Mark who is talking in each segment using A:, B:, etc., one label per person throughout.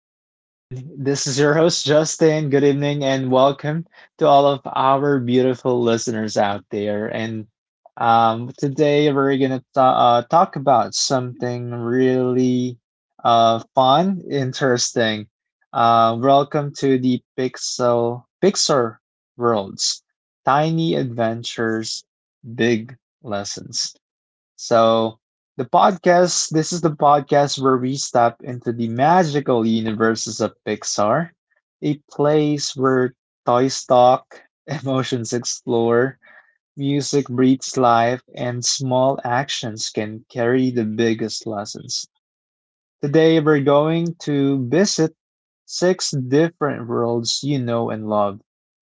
A: everyone. This is your host, Justin. Good evening, and welcome to all of our beautiful listeners out there. And Today we're going to talk about something really fun, interesting. Welcome to the Pixel Pixar Worlds: Tiny Adventures, Big Lessons. So, this is the podcast where we step into the magical universes of Pixar, a place where toys talk, emotions explore, music breathes life, and small actions can carry the biggest lessons. Today, we're going to visit six different worlds you know and love.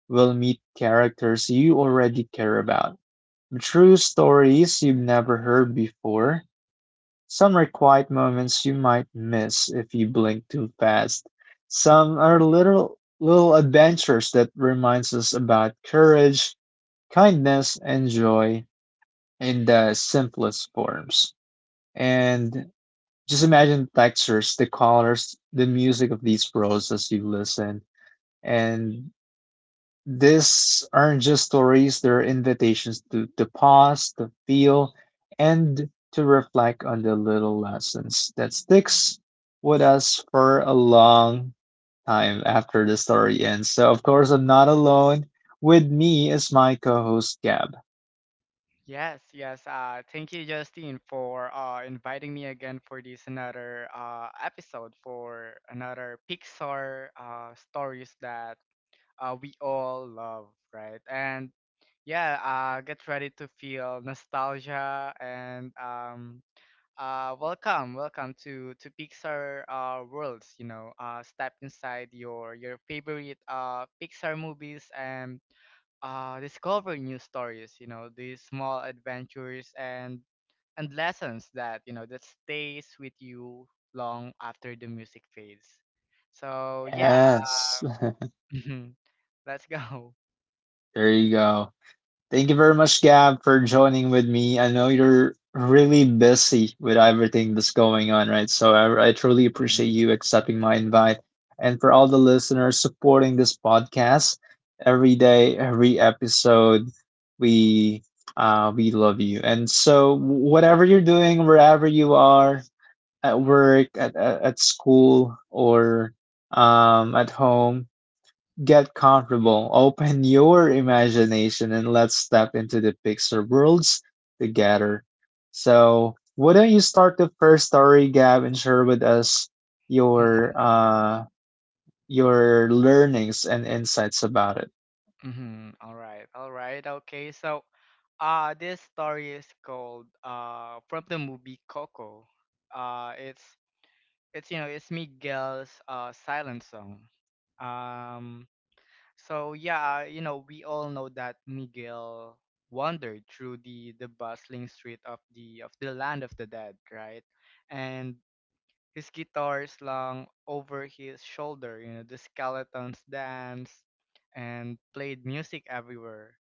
A: We'll meet characters you already care about, true stories you've never heard before. Some are quiet moments you might miss if you blink too fast. Some are little adventures that reminds us about courage, kindness, and joy in the simplest forms. And just imagine the textures, the colors, the music of these prose as you listen. And these aren't just stories, they're invitations to pause, to feel, and to reflect on the little lessons that sticks with us for a long time after the story ends. So, of course, I'm not alone. With me is my co host, Gab.
B: Yes, yes. Thank you, Justine, for inviting me again for this another episode for another Pixar stories that we all love, right? And yeah, get ready to feel nostalgia and welcome to Pixar worlds. You know, step inside your favorite Pixar movies and discover new stories. You know, these small adventures and lessons that you know that stays with you long after the music fades. So yeah,
A: Yes,
B: mhm, let's go.
A: there you go. Thank you very much, Gab, for joining with me. I know you're really busy with everything that's going on, right? So I truly
B: Mhm,
A: appreciate you accepting my invite. And for all the listeners supporting this podcast every day, every episode, we we love you. And so whatever you're doing, wherever you are, at work, at school, or at home, get comfortable, open your imagination, and let's step into the picture worlds together. So, why don't you start the first story, Gab, and share with us
B: mhm,
A: your uh, your learnings and insights about it?
B: mhm. All right, okay. So this story is called from the movie Coco. Uh, it's it's you know it's Miguel's silent song. Um, So yeah, you know, we all know that Miguel wandered through the bustling street of the land of the dead, right? And his guitar slung over his shoulder, you know, the skeletons danced and played music everywhere.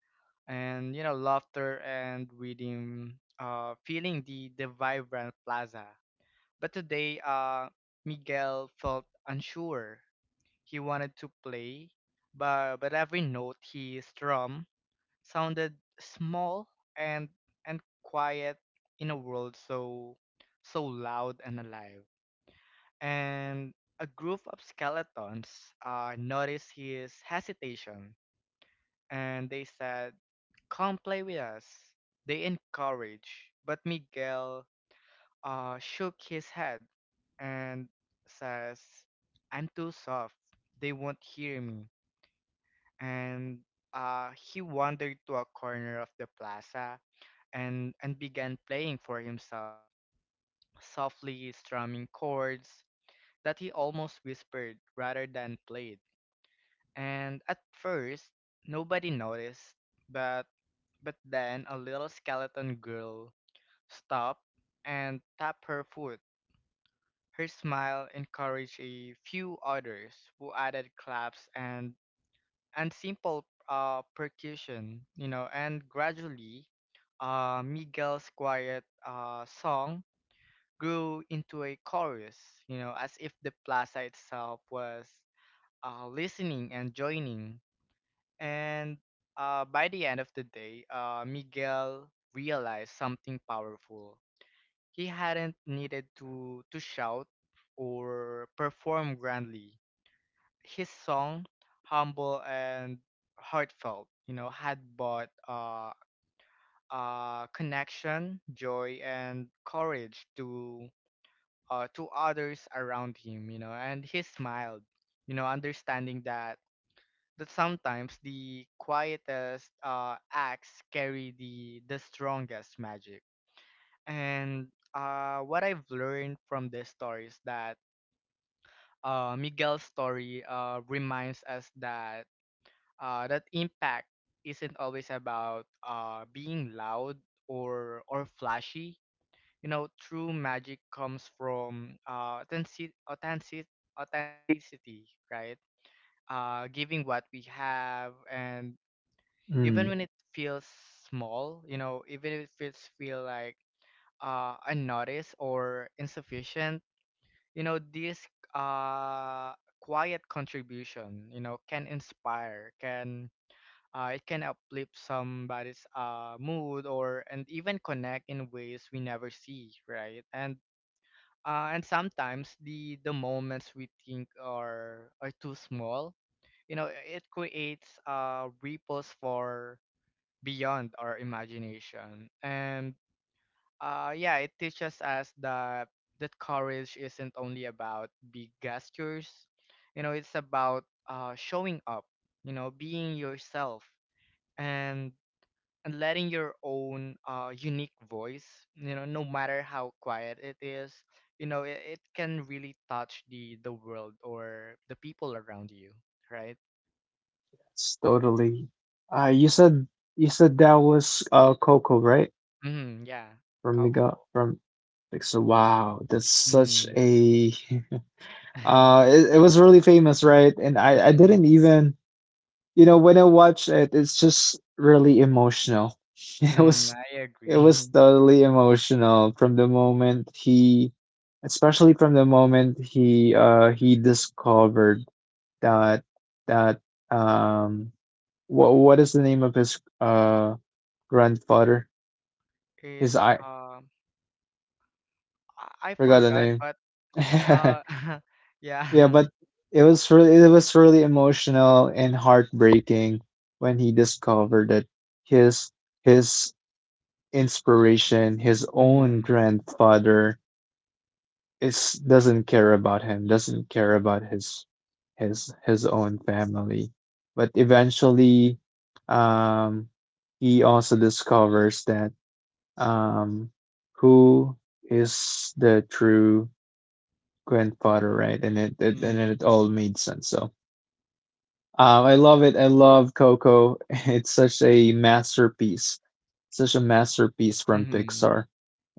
B: And you know, laughter and rhythm feeling the vibrant plaza. But today Miguel felt unsure. He wanted to play, but every note he strummed sounded small and quiet in a world so loud and alive. And a group of skeletons noticed his hesitation, and they said, "Come play with us." They encouraged, but Miguel shook his head and says, "I'm too soft. They won't hear me." And he wandered to a corner of the plaza and, began playing for himself, softly strumming chords that he almost whispered rather than played. And at first, nobody noticed, but, but then a little skeleton girl stopped and tapped her foot. Her smile encouraged a few others who added claps and simple percussion, you know, and gradually, Miguel's quiet song grew into a chorus, you know, as if the plaza itself was listening and joining. And by the end of the day, Miguel realized something powerful. He hadn't needed to shout or perform grandly. His song, humble and heartfelt, you know, had brought connection, joy, and courage to others around him, you know, and he smiled, you know, understanding that sometimes the quietest acts carry the strongest magic. And what I've learned from this story is that Miguel's story reminds us that that impact isn't always about being loud or flashy. You know, true magic comes from authenticity, right? Giving what we have, and even
A: Mm,
B: when it feels small, you know, even if it feels feel like unnoticed or insufficient, you know, this uh, quiet contribution, you know, can inspire, can it can uplift somebody's mood or and even connect in ways we never see, right? And sometimes the moments we think are too small, you know, it creates ripples for beyond our imagination. And yeah, it teaches us that courage isn't only about big gestures, you know, it's about showing up, you know, being yourself and letting your own unique voice, you know, no matter how quiet it is, you know, it can really touch the world or the people around you, right?
A: that's totally. Uh, you said you said that was Coco, right?
B: Mm-hmm, yeah,
A: From Mega
B: Coco.
A: from Pixar. Wow, that's such
B: Mm-hmm.
A: a
B: Mm-hmm.
A: uh. It was really famous, right? And I didn't even. You know, when I watch it, it's just really emotional. It
B: Mm,
A: was
B: I
A: it
B: agree.
A: was totally emotional from the moment he, especially from the moment he discovered that that um what what is the name of his grandfather? His
B: It's
A: I
B: I
A: forgot the
B: forgot,
A: name.
B: but uh,
A: Yeah,
B: yeah.
A: but it was really emotional and heartbreaking when he discovered that his his inspiration, his own
B: Mm-hmm.
A: grandfather is, doesn't care about him, doesn't care about his own family. But eventually, um, he also discovers that, um, who is the true grandfather, right? And it all made sense. So. I love it. I love Coco. It's such a masterpiece from
B: Mm-hmm.
A: Pixar.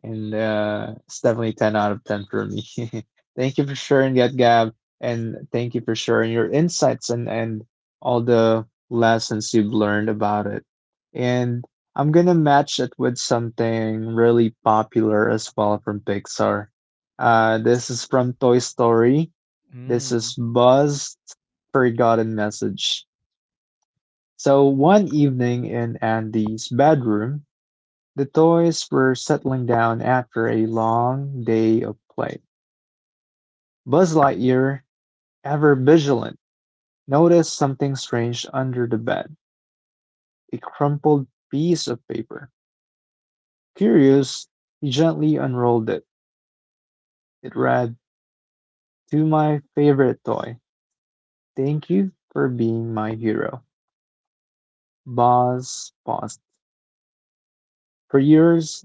A: And it's definitely 10 out of 10 for me. Thank you for sharing that, Gab, and thank you for sharing your insights and all the lessons you've learned about it. And I'm gonna match it with something really popular as well from Pixar. Uh, this is from Toy Story. This is
B: Mm-hmm.
A: buzzed forgotten message. So one evening in Andy's bedroom, the toys were settling down after a long day of play. Buzz Lightyear, ever vigilant, noticed something strange under the bed: a crumpled piece of paper. Curious, he gently unrolled it. It read, "To my favorite toy, thank you for being my hero." Buzz paused. For years,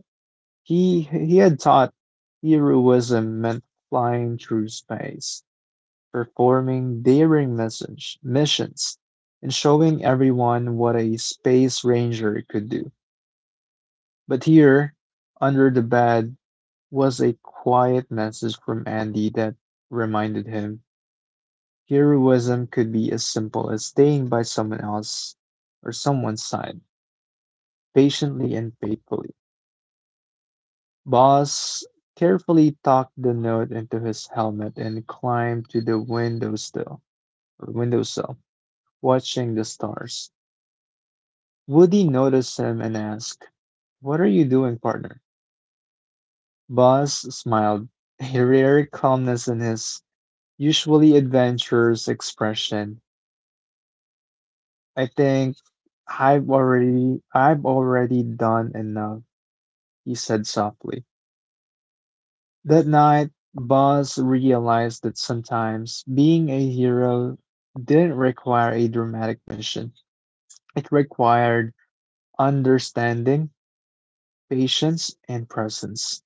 A: he had thought heroism meant flying through space, performing daring message missions and showing everyone what a space ranger could do. But here, under the bed, was a quiet message from Andy that reminded him heroism could be as simple as staying by someone else or someone's side, patiently and faithfully. Boss carefully tucked the note into his helmet and climbed to the windowsill, watching the stars. Woody noticed him and asked, "What are you doing, partner?" Boz smiled, a rare calmness in his usually adventurous expression. I think "I've already done enough," he said softly. That night, Boz realized that sometimes being a hero didn't require a dramatic mission. It required understanding, patience, and presence.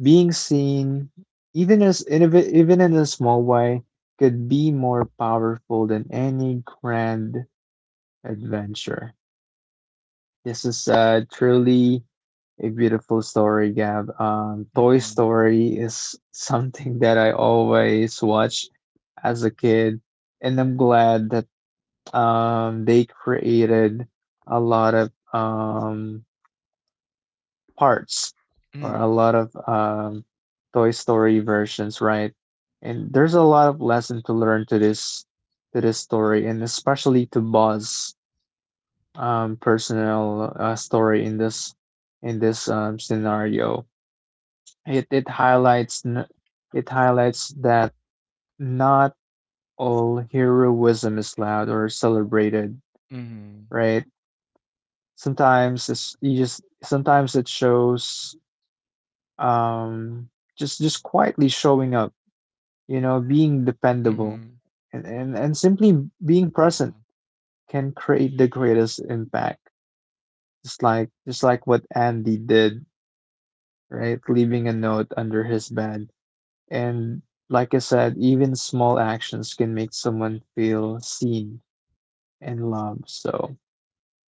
A: Being seen, even as in a, ve- even in a small way, could be more powerful than any grand adventure. This is truly a beautiful story, Gab. Toy
B: Mm-hmm.
A: Story is something that I always watch as a kid, and I'm glad that they created a lot of parts or a
B: Mm-hmm.
A: lot of Toy Story versions, right? And there's a lot of lesson to learn to this story, and especially to Buzz' personal story in this scenario. It it highlights n- it highlights that not all heroism is loud or celebrated,
B: Mm-hmm.
A: right? Sometimes it shows um just quietly showing up, you know, being
B: Mm-hmm.
A: dependable and, and simply being
B: Yeah.
A: present can create the greatest impact, just like what Andy did, right? Leaving a note under his bed. And like I said, even small actions can make someone feel seen and loved. So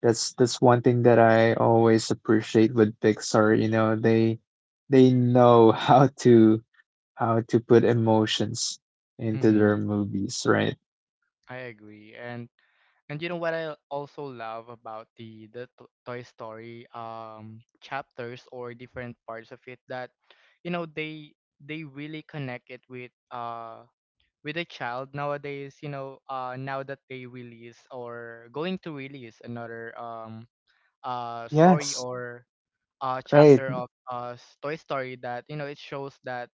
A: that's one thing that I always appreciate with Pixar. You know, they know how to put emotions into their
B: Mm-hmm.
A: movies, right?
B: I agree, and you know what I also love about the Toy Story chapters or different parts of it that, you know, they really connect it with a child nowadays. You know, now that they release or going to release another story
A: Yes.
B: or
A: Right.
B: chapter of Toy Story that you know it shows that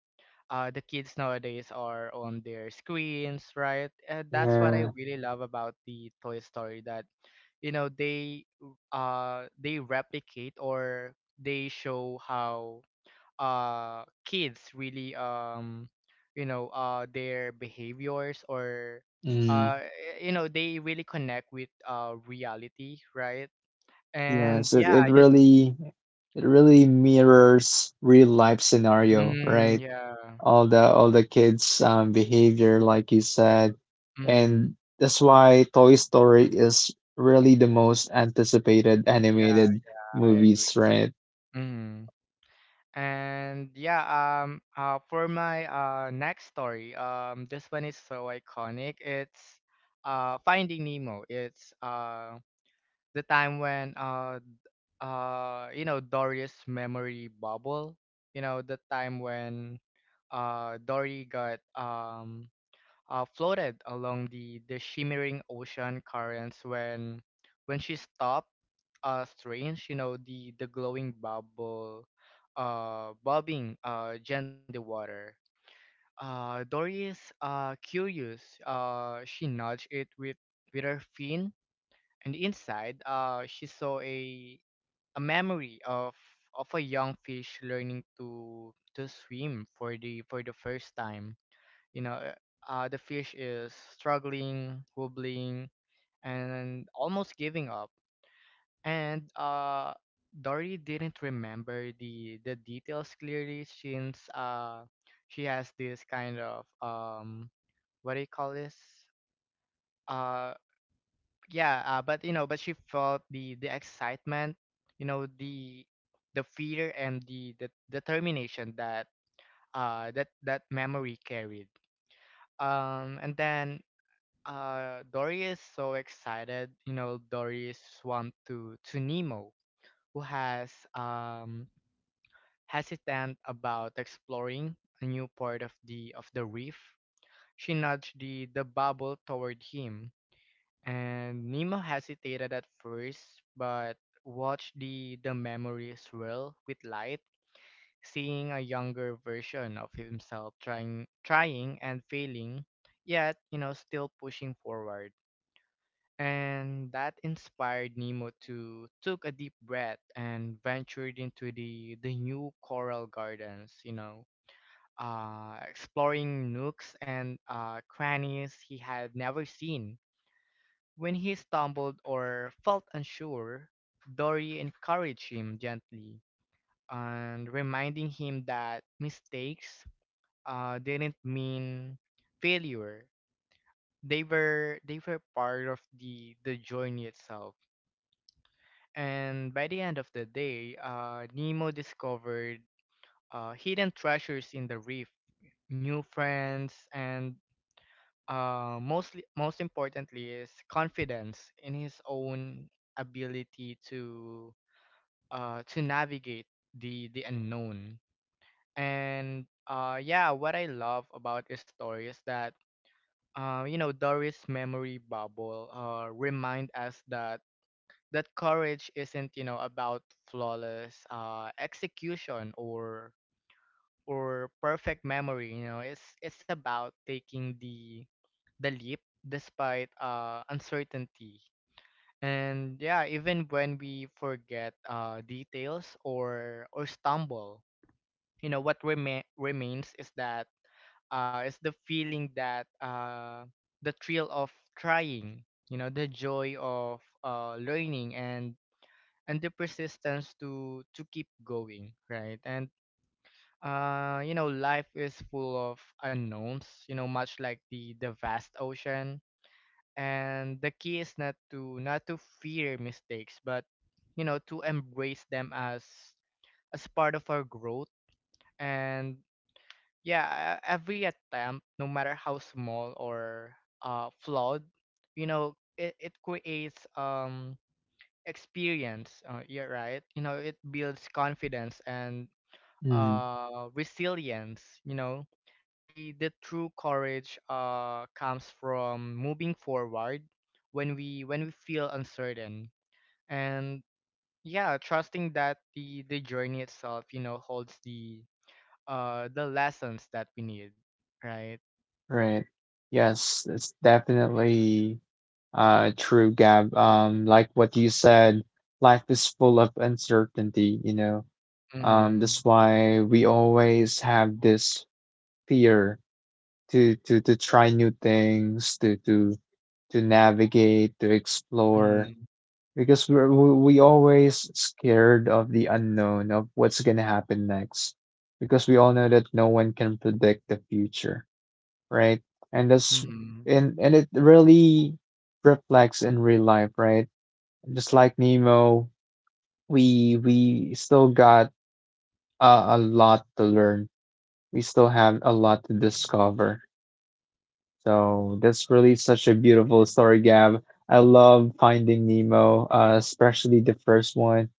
B: the kids nowadays are on their screens, right? And that's what I
A: Yeah.
B: really love about the Toy Story that you know they replicate or they show how kids really you know their behaviors or
A: Mm.
B: uh y- you know they really connect with reality, right? And
A: Yes, it,
B: yeah,
A: it
B: I just
A: really it really mirrors real life scenario,
B: mm,
A: right?
B: yeah.
A: All the kids' behavior, like you said.
B: Mm,
A: And that's why Toy Story is really the most anticipated
B: yeah,
A: animated
B: I agree.
A: movies, right?
B: Hmm. And yeah, for my next story, this one is so iconic. It's Finding Nemo. It's the time when you know Dory's memory bubble. You know the time when Dory got floated along the shimmering ocean currents when she stopped strange you know the glowing bubble bobbing gently in the water. Doris curious, she nudged it with her fin, and inside she saw a memory of a young fish learning to swim for the first time, you know, the fish is struggling, wobbling, and almost giving up. And Dory didn't remember the details clearly since she has this kind of what do you call this? Uh, yeah, but you know, but she felt the excitement, you know, the fear and the determination that that memory carried. And then Dory is so excited. You know, Dory is swamped to Nemo, who has hesitant about exploring a new part of the reef. She nudged the bubble toward him, and Nemo hesitated at first, but watched the memory swirl with light, seeing a younger version of himself trying and failing, yet you know still pushing forward. And that inspired Nemo to took a deep breath and ventured into the new coral gardens, you know, exploring nooks and crannies he had never seen. When he stumbled or felt unsure, Dory encouraged him gently and reminding him that mistakes didn't mean failure. They were part of the journey itself. And by the end of the day, Nemo discovered hidden treasures in the reef, new friends, and mostly, most importantly, is confidence in his own ability to navigate the unknown. And yeah, what I love about this story is that you know Doris' memory bubble remind us that courage isn't you know about flawless execution or perfect memory. You know it's about taking the leap despite uncertainty and yeah even when we forget details or stumble, you know what remains is that it's the feeling that the thrill of trying, you know, the joy of learning and the persistence to keep going, right? And you know life is full of unknowns, you know much like the vast ocean, and the key is not to fear mistakes but you know to embrace them as part of our growth. And yeah, every attempt no matter how small or flawed, you know, it creates experience. You're right. You know, it builds confidence and
A: Mm.
B: resilience. You know, the true courage comes from moving forward when we feel uncertain and yeah, trusting that the journey itself, you know, holds the the lessons that we need, right?
A: Right. Yes, it's definitely true, Gab. Like what you said, life is full of uncertainty, you know.
B: Mm-hmm.
A: That's why we always have this fear to try new things, to navigate, to explore,
B: Mm-hmm.
A: because we always scared of the unknown, of what's gonna happen next, because we all know that no one can predict the future, right? And that's,
B: Mm-hmm.
A: and it really reflects in real life, right? Just like Nemo, we still got a lot to learn. We still have a lot to discover. So that's really such a beautiful story, Gab. I love Finding Nemo, especially the first one,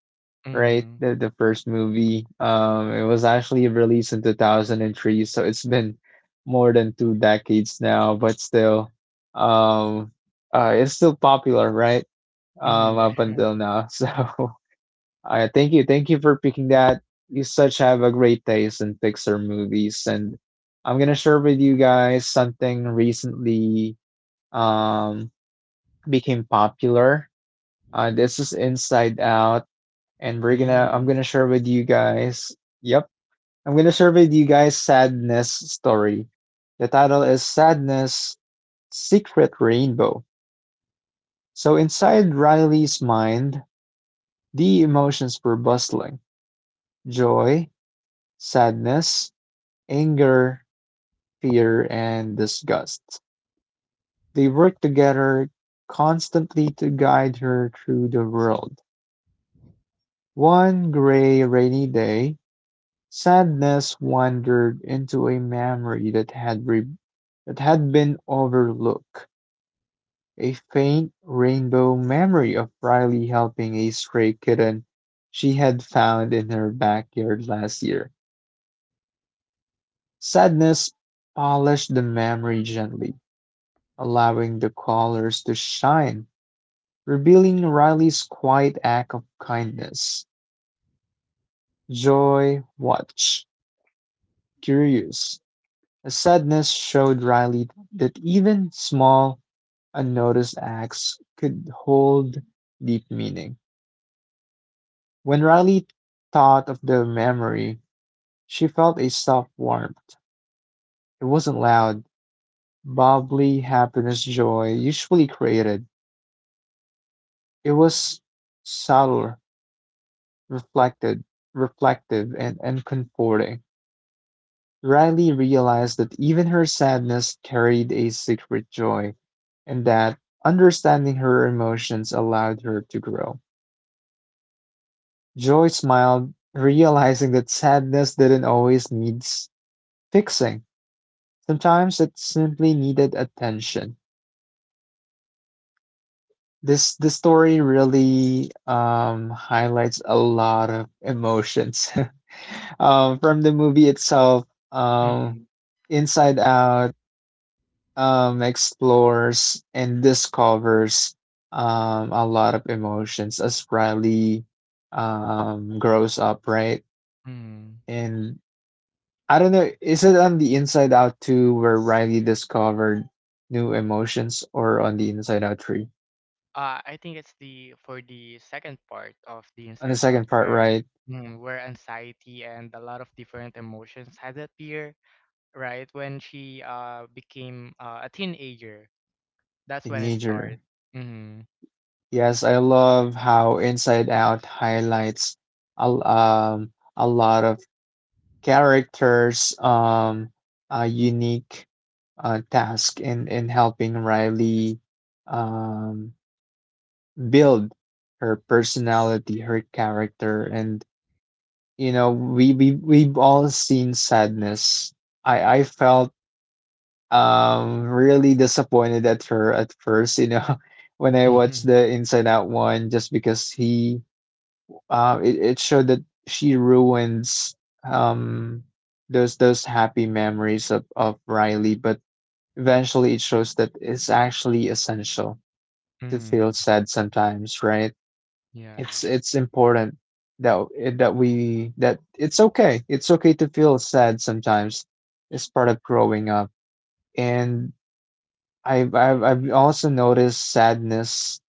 A: right?
B: Mm-hmm.
A: The first movie. It was actually released in 2003, so it's been more than two decades now, but still, um, it's still popular, right?
B: Mm-hmm.
A: Up
B: Yeah.
A: until now. So I thank you. Thank you for picking that. You such have a great taste in Pixar movies. And I'm gonna share with you guys something recently um became popular. Uh, this is Inside Out, and we're gonna
B: Mm-hmm.
A: I'm gonna share with you guys, yep, I'm gonna share with you guys Sadness' story. The title is Sadness' Secret Rainbow. So inside Riley's mind, the emotions were bustling: joy, sadness, anger, fear, and disgust. They work together constantly to guide her through the world. One gray, rainy day, sadness wandered into a memory that that had been overlooked, a faint rainbow memory of Riley helping a stray kitten she had found in her backyard last year. Sadness polished the memory gently, allowing the colors to shine, revealing Riley's quiet act of kindness. Joy watched, curious. A sadness showed Riley that even small, unnoticed acts could hold deep meaning. When Riley thought of the memory, she felt a soft warmth. It wasn't loud, bubbly happiness joy usually created. It was subtler, reflected, reflective, and, comforting. Riley realized that even her sadness carried a secret joy, and that understanding her emotions allowed her to grow. Joy smiled, realizing that sadness didn't always need fixing. Sometimes it simply needed attention. This the story really highlights a lot of emotions. Um, from the movie itself,
B: Mm-hmm.
A: um, Inside Out explores and discovers a lot of emotions as Riley grows up, right?
B: Mm-hmm.
A: And I don't know, is it on the Inside Out 2 where Riley discovered new emotions, or on the Inside Out 3?
B: I think it's the for the second part of the
A: On the
B: Inside Out
A: second part,
B: where
A: right?
B: mm, where anxiety and a lot of different emotions had appear, right? When she became a teenager, that's when it started.
A: Teenager.
B: Mm-hmm.
A: Yes, I love how Inside Out highlights a lot of characters, a unique task in helping Riley um build her personality, her character, and you know we've all seen sadness. I felt really disappointed at her at first, you know, when I watched
B: Mm-hmm.
A: the Inside Out one, just because he it showed that she ruins um, those happy memories of Riley, but eventually it shows that it's actually essential to feel
B: Mm-hmm.
A: sad sometimes, right?
B: Yeah.
A: It's important that that it's okay. It's okay to feel sad sometimes. It's part of growing up, and I've also noticed sadness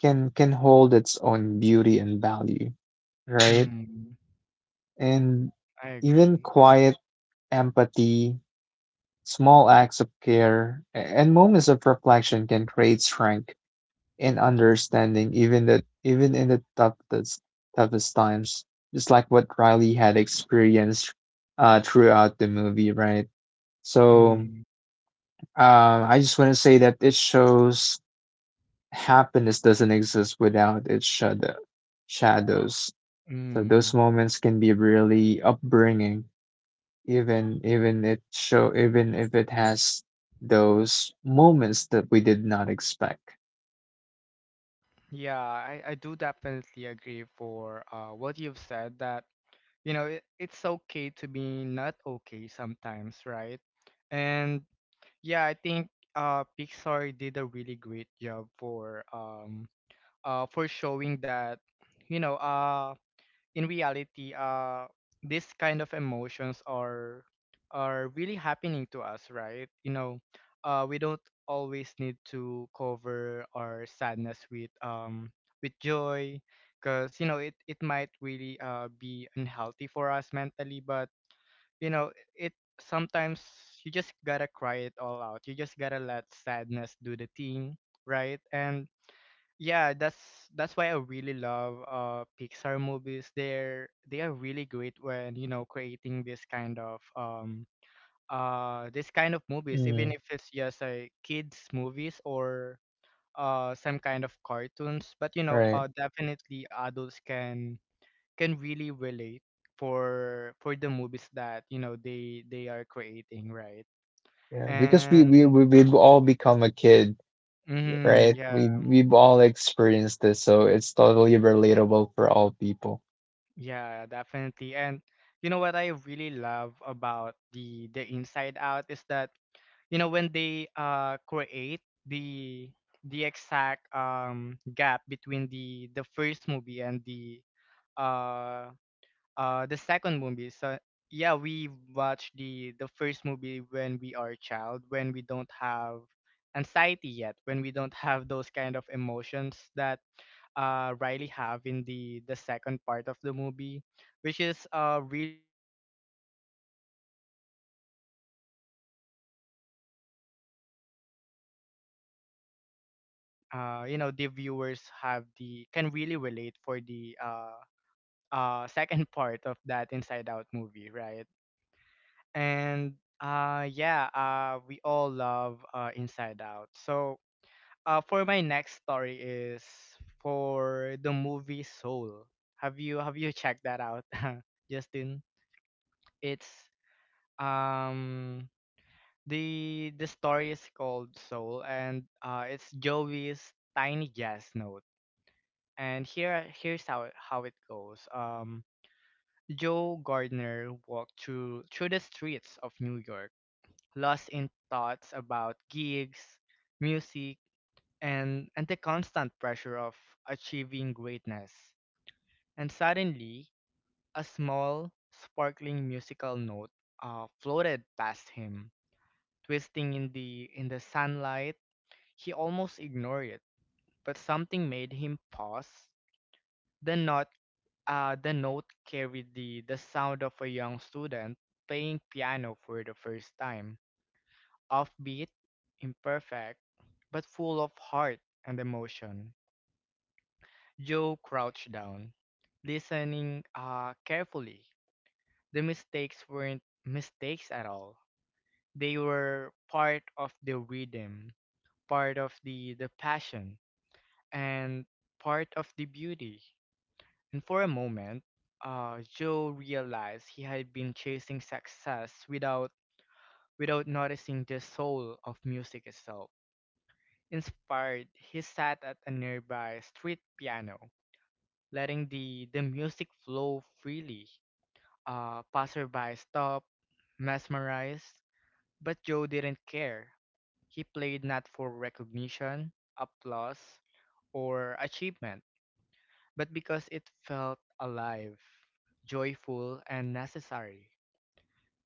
A: can hold its own beauty and value, right?
B: Mm,
A: And
B: I
A: even
B: agree.
A: quiet empathy, small acts of care, and moments of reflection can create strength and understanding, even in the toughest times. Just like what Riley had experienced throughout the movie, right? So
B: Mm,
A: um, I just want to say that it shows happiness doesn't exist without its shadows. So those
B: mm.
A: moments can be really upbringing even if it has those moments that we did not expect.
B: Yeah, I do definitely agree for what you've said that you know it, it's okay to be not okay sometimes, right? And yeah, I think Pixar did a really great job for showing that you know in reality this kind of emotions are really happening to us, right? You know, we don't always need to cover our sadness with joy because you know it it might really be unhealthy for us mentally, but you know it sometimes you just gotta cry it all out. You just gotta let sadness do the thing, right? And yeah, that's why I really love Pixar movies. They're they are really great when you know creating this kind of movies, even
A: Mm,
B: if it's just a kids movies or some kind of cartoons, but you know
A: right.
B: definitely adults can really relate for the movies that you know they are creating, right?
A: Yeah, because we we
B: And
A: we- we've all become a kid. Yep,
B: mhm,
A: right?
B: yeah
A: We've all experienced this, so it's totally relatable for all people.
B: yeah definitely. And you know what I really love about the Inside Out is that you know when they create the exact gap between the first movie and uh the second movie. So yeah, we watch the first movie when we are a child, when we don't have anxiety yet, when we don't have those kind of emotions that Riley have in the second part of the movie, which is really great. You know, they really did a great job for you know considering the gap when you know the viewers have the can really relate for the second part of that Inside Out movie, right? And yeah, we all love Inside Out. So for my next story is for the movie Soul. Have you checked that out, Justin? It's um the story is called Soul and it's Joey's tiny jazz note. And here's how it goes. Joe Gardner walked through the streets of New York, lost in thoughts about gigs, music, and the constant pressure of achieving greatness. And suddenly, a small, sparkling musical note floated past him. Twisting in the sunlight, he almost ignored it, but something made him pause. The note the note carried the sound of a young student playing piano for the first time, offbeat, imperfect, but full of heart and emotion. Joe crouched down, listening carefully. The mistakes weren't mistakes at all. They were part of the rhythm, part of the passion, and part of the beauty. And for a moment, Joe realized he had been chasing success without noticing the soul of music itself. Inspired, he sat at a nearby street piano, letting the music flow freely. Passerby stopped, mesmerized, but Joe didn't care. He played not for recognition, applause, or achievement but because it felt alive, joyful, and necessary.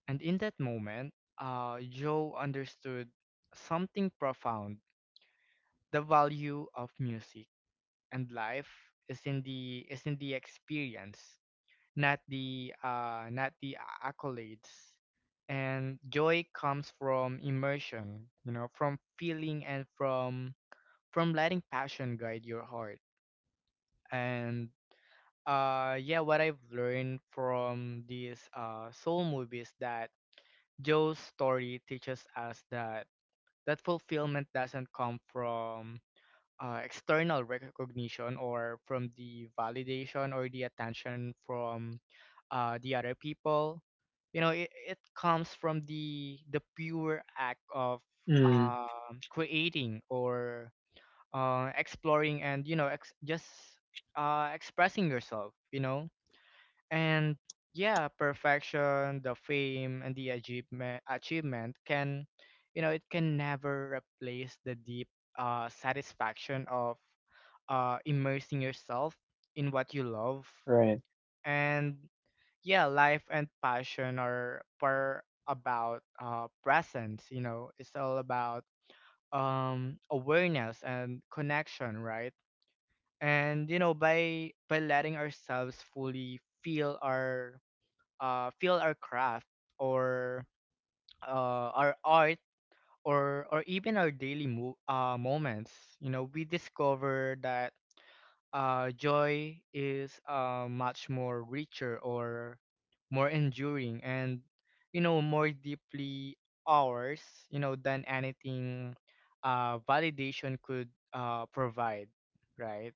B: And in that moment, Joe understood something profound. The value of music and life is in the experience, not the accolades. And joy comes from immersion, you know, from feeling and from letting passion guide your heart. And yeah, what I've learned from these soul movies that Joe's story teaches us that fulfillment doesn't come from external recognition or from the validation or the attention from the other people. You know, it comes from the pure act of
A: Mm,
B: creating or exploring and you know ex- just expressing yourself. You know and yeah, perfection, the fame, and the achievement can, you know, it can never replace the deep satisfaction of immersing yourself in what you love.
A: right.
B: And yeah, life and passion are per about presence. You know, it's all about awareness and connection, right? And you know, by letting ourselves fully feel our feel our craft or our art or even our daily moments you know we discover that joy is much more richer or more enduring and you know more deeply ours you know than anything validation could provide, right.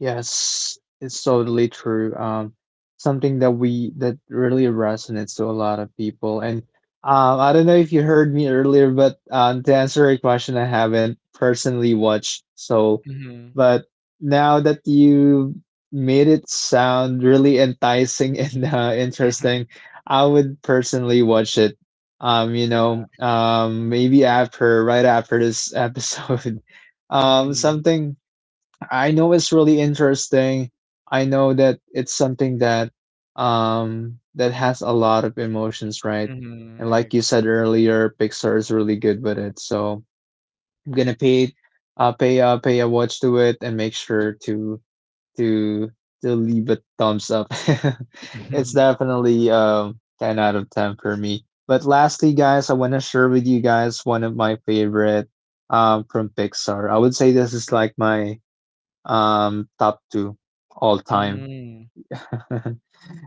A: Yes, it's totally true. Something that we that really resonates to a lot of people. And I don't know if you heard me earlier, but to answer your question, I haven't personally watched Soul.
B: Mm-hmm.
A: But now that you made it sound really enticing and interesting, I would personally watch it.
B: Yeah.
A: Maybe after, right after this episode.
B: Mm-hmm.
A: Something. I know it's really interesting. I know that it's something that that has a lot of emotions, right?
B: Mm-hmm.
A: And
B: I
A: like you
B: agree.
A: said earlier, Pixar is really good with it. So I'm gonna pay pay a watch to it and make sure to to leave a thumbs up. It's definitely 10 out of 10 for me. But lastly, guys, I wanna share with you guys one of my favorite from Pixar. I would say this is like my top two all time.
B: Mm-hmm.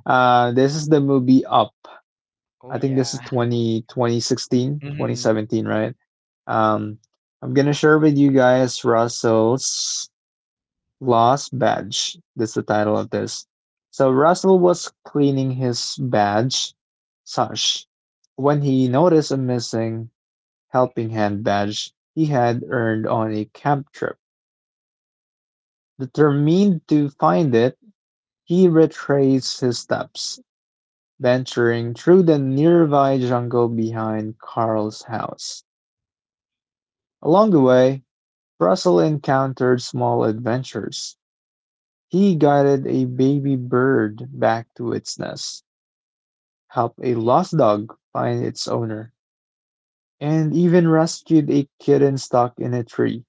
A: Uh, this is the movie Up.
B: Oh
A: I think this
B: yeah.
A: is 20 2016, twenty
B: Mhm.
A: seventeen, right? I'm gonna share with you guys Russell's lost badge. That's the title of this. So Russell was cleaning his badge sash when he noticed a missing helping hand badge he had earned on a camp trip. Determined to find it, he retraced his steps, venturing through the nearby jungle behind Carl's house. Along the way, Russell encountered small adventures. He guided a baby bird back to its nest, helped a lost dog find its owner, and even rescued a kitten stuck in a tree.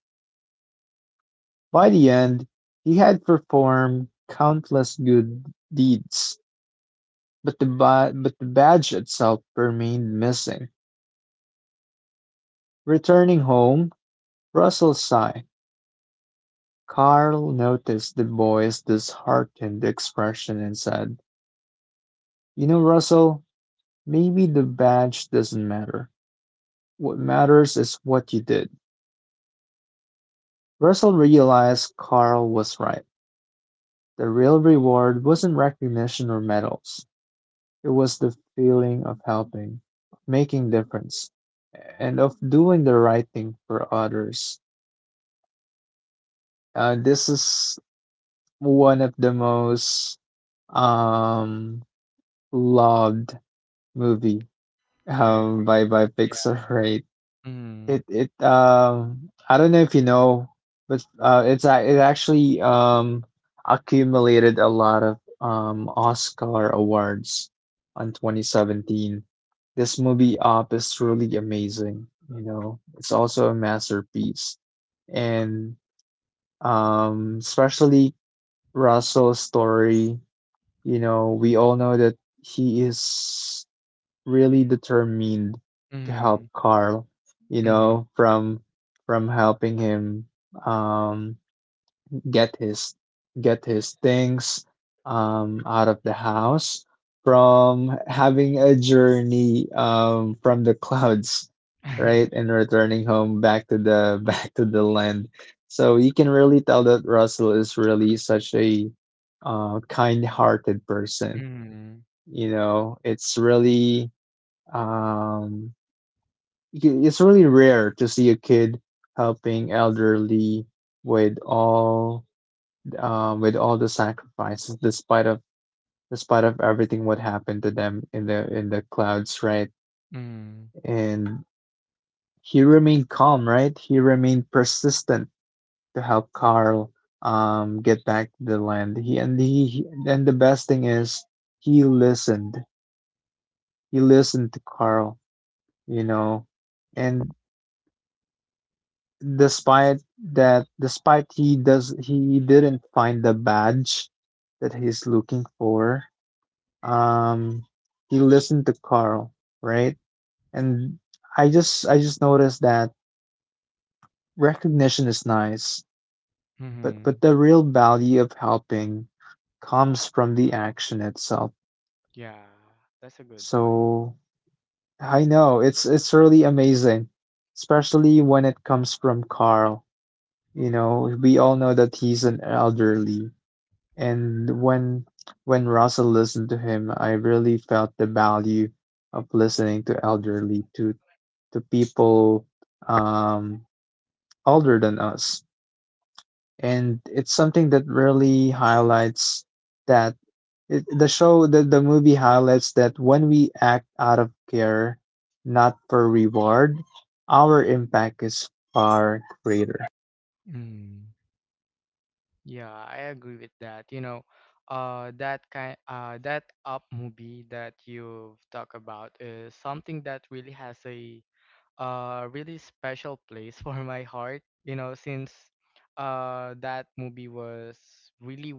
A: By the end, he had performed countless good deeds, but but the badge itself remained missing. Returning home, Russell sighed. Carl noticed the boy's disheartened expression and said, "You know, Russell, maybe the badge doesn't matter. What matters is what you did." Russell realized Carl was right. The real reward wasn't recognition or medals. It was the feeling of helping, of making difference, and of doing the right thing for others. This is one of the most um loved movie
B: I
A: um
B: agree.
A: by by
B: Yeah.
A: Pixar, right?
B: Mhm.
A: It I don't know if you know, but it actually accumulated a lot of Oscar awards on 2017. This movie Up is truly amazing, you know. It's also a masterpiece. And especially Russell's story, you know, we all know that he is really determined to
B: Mhm.
A: help Carl, you
B: Mhm.
A: know, from helping him um get his get his things out of the house, from having a journey from the clouds, right? And returning home back to the back to the land. So you can really tell that Russell is really such a kind-hearted person.
B: Mhm.
A: You know, it's really um, it's really rare to see a kid helping elderly with all with all the sacrifices, despite of everything what happened to them in the clouds, right?
B: Mhm.
A: And he remained calm, right? He remained persistent to help Carl, get back to the land. He and he he- and the best thing is he listened. He listened to Carl, you know, and despite despite he didn't find the badge that he's looking for, um he listened to Carl, right. And I just noticed that recognition is nice, but
B: Mhm.
A: the real value of helping comes from the action itself.
B: Yeah, that's a good one.
A: So I know it's really amazing, especially when it comes from Carl. You know, we all know that he's an elderly. And when Russell listened to him, I really felt the value of listening to elderly, to people um, older than us. And it's something that really highlights that the the movie highlights that when we act out of care, not for reward, our impact is far greater.
B: Mm. Yeah, I agree with that. You know, that Up movie that you've talked about is something that really has a really special place for my heart. You know, since that movie was really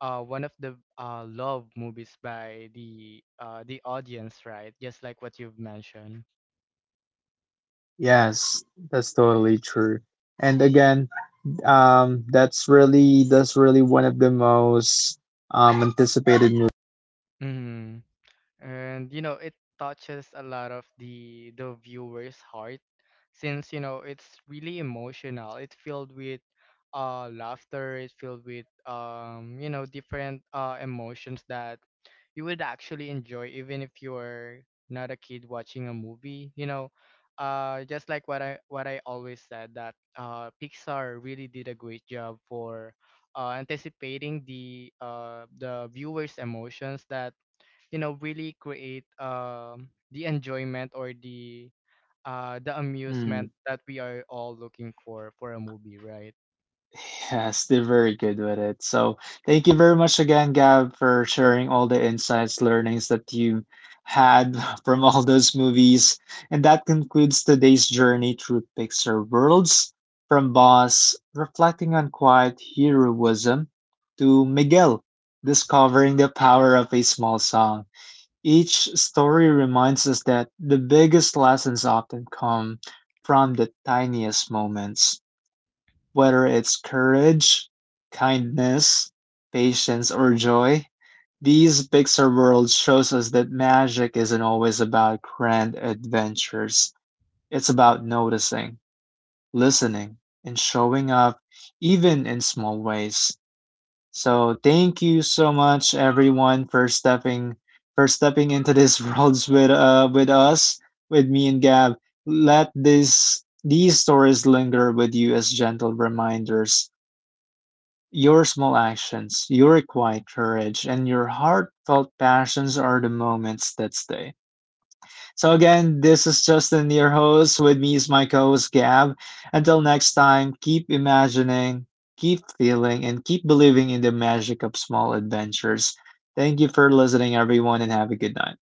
B: one of the love movies by the audience, right? Just like what you've mentioned.
A: Yes, that's totally true. And again, that's really one of the most anticipated movies.
B: Mhm. And you know it touches a lot of the viewer's heart since you know it's really emotional, it's filled with laughter, it's filled with you know different emotions that you would actually enjoy even if you're not a kid watching a movie, you know, just like what I always said that Pixar really did a great job for anticipating the viewers emotions that you know really create the enjoyment or the
A: Hmm.
B: amusement that we are all looking for a movie, right.
A: Yes, they're very good with it. So thank you very much again, Gab, for sharing all the insights, learnings that you had from all those movies. And that concludes today's journey through Pixar worlds. From Boss, reflecting on quiet heroism, to Miguel, discovering the power of a small song. Each story reminds us that the biggest lessons often come from the tiniest moments, whether it's courage, kindness, patience, or joy. These Pixar worlds shows us that magic isn't always about grand adventures. It's about noticing, listening, and showing up even in small ways. So thank you so much, everyone, for stepping into this world with us, with me and Gab. Let this these stories linger with you as gentle reminders. Your small actions, your quiet courage, and your heartfelt passions are the moments that stay. So, again, this is Justin, your host. With me is my co host, Gab. Until next time, keep imagining, keep feeling, and keep believing in the magic of small adventures. Thank you for listening, everyone, and have a good night.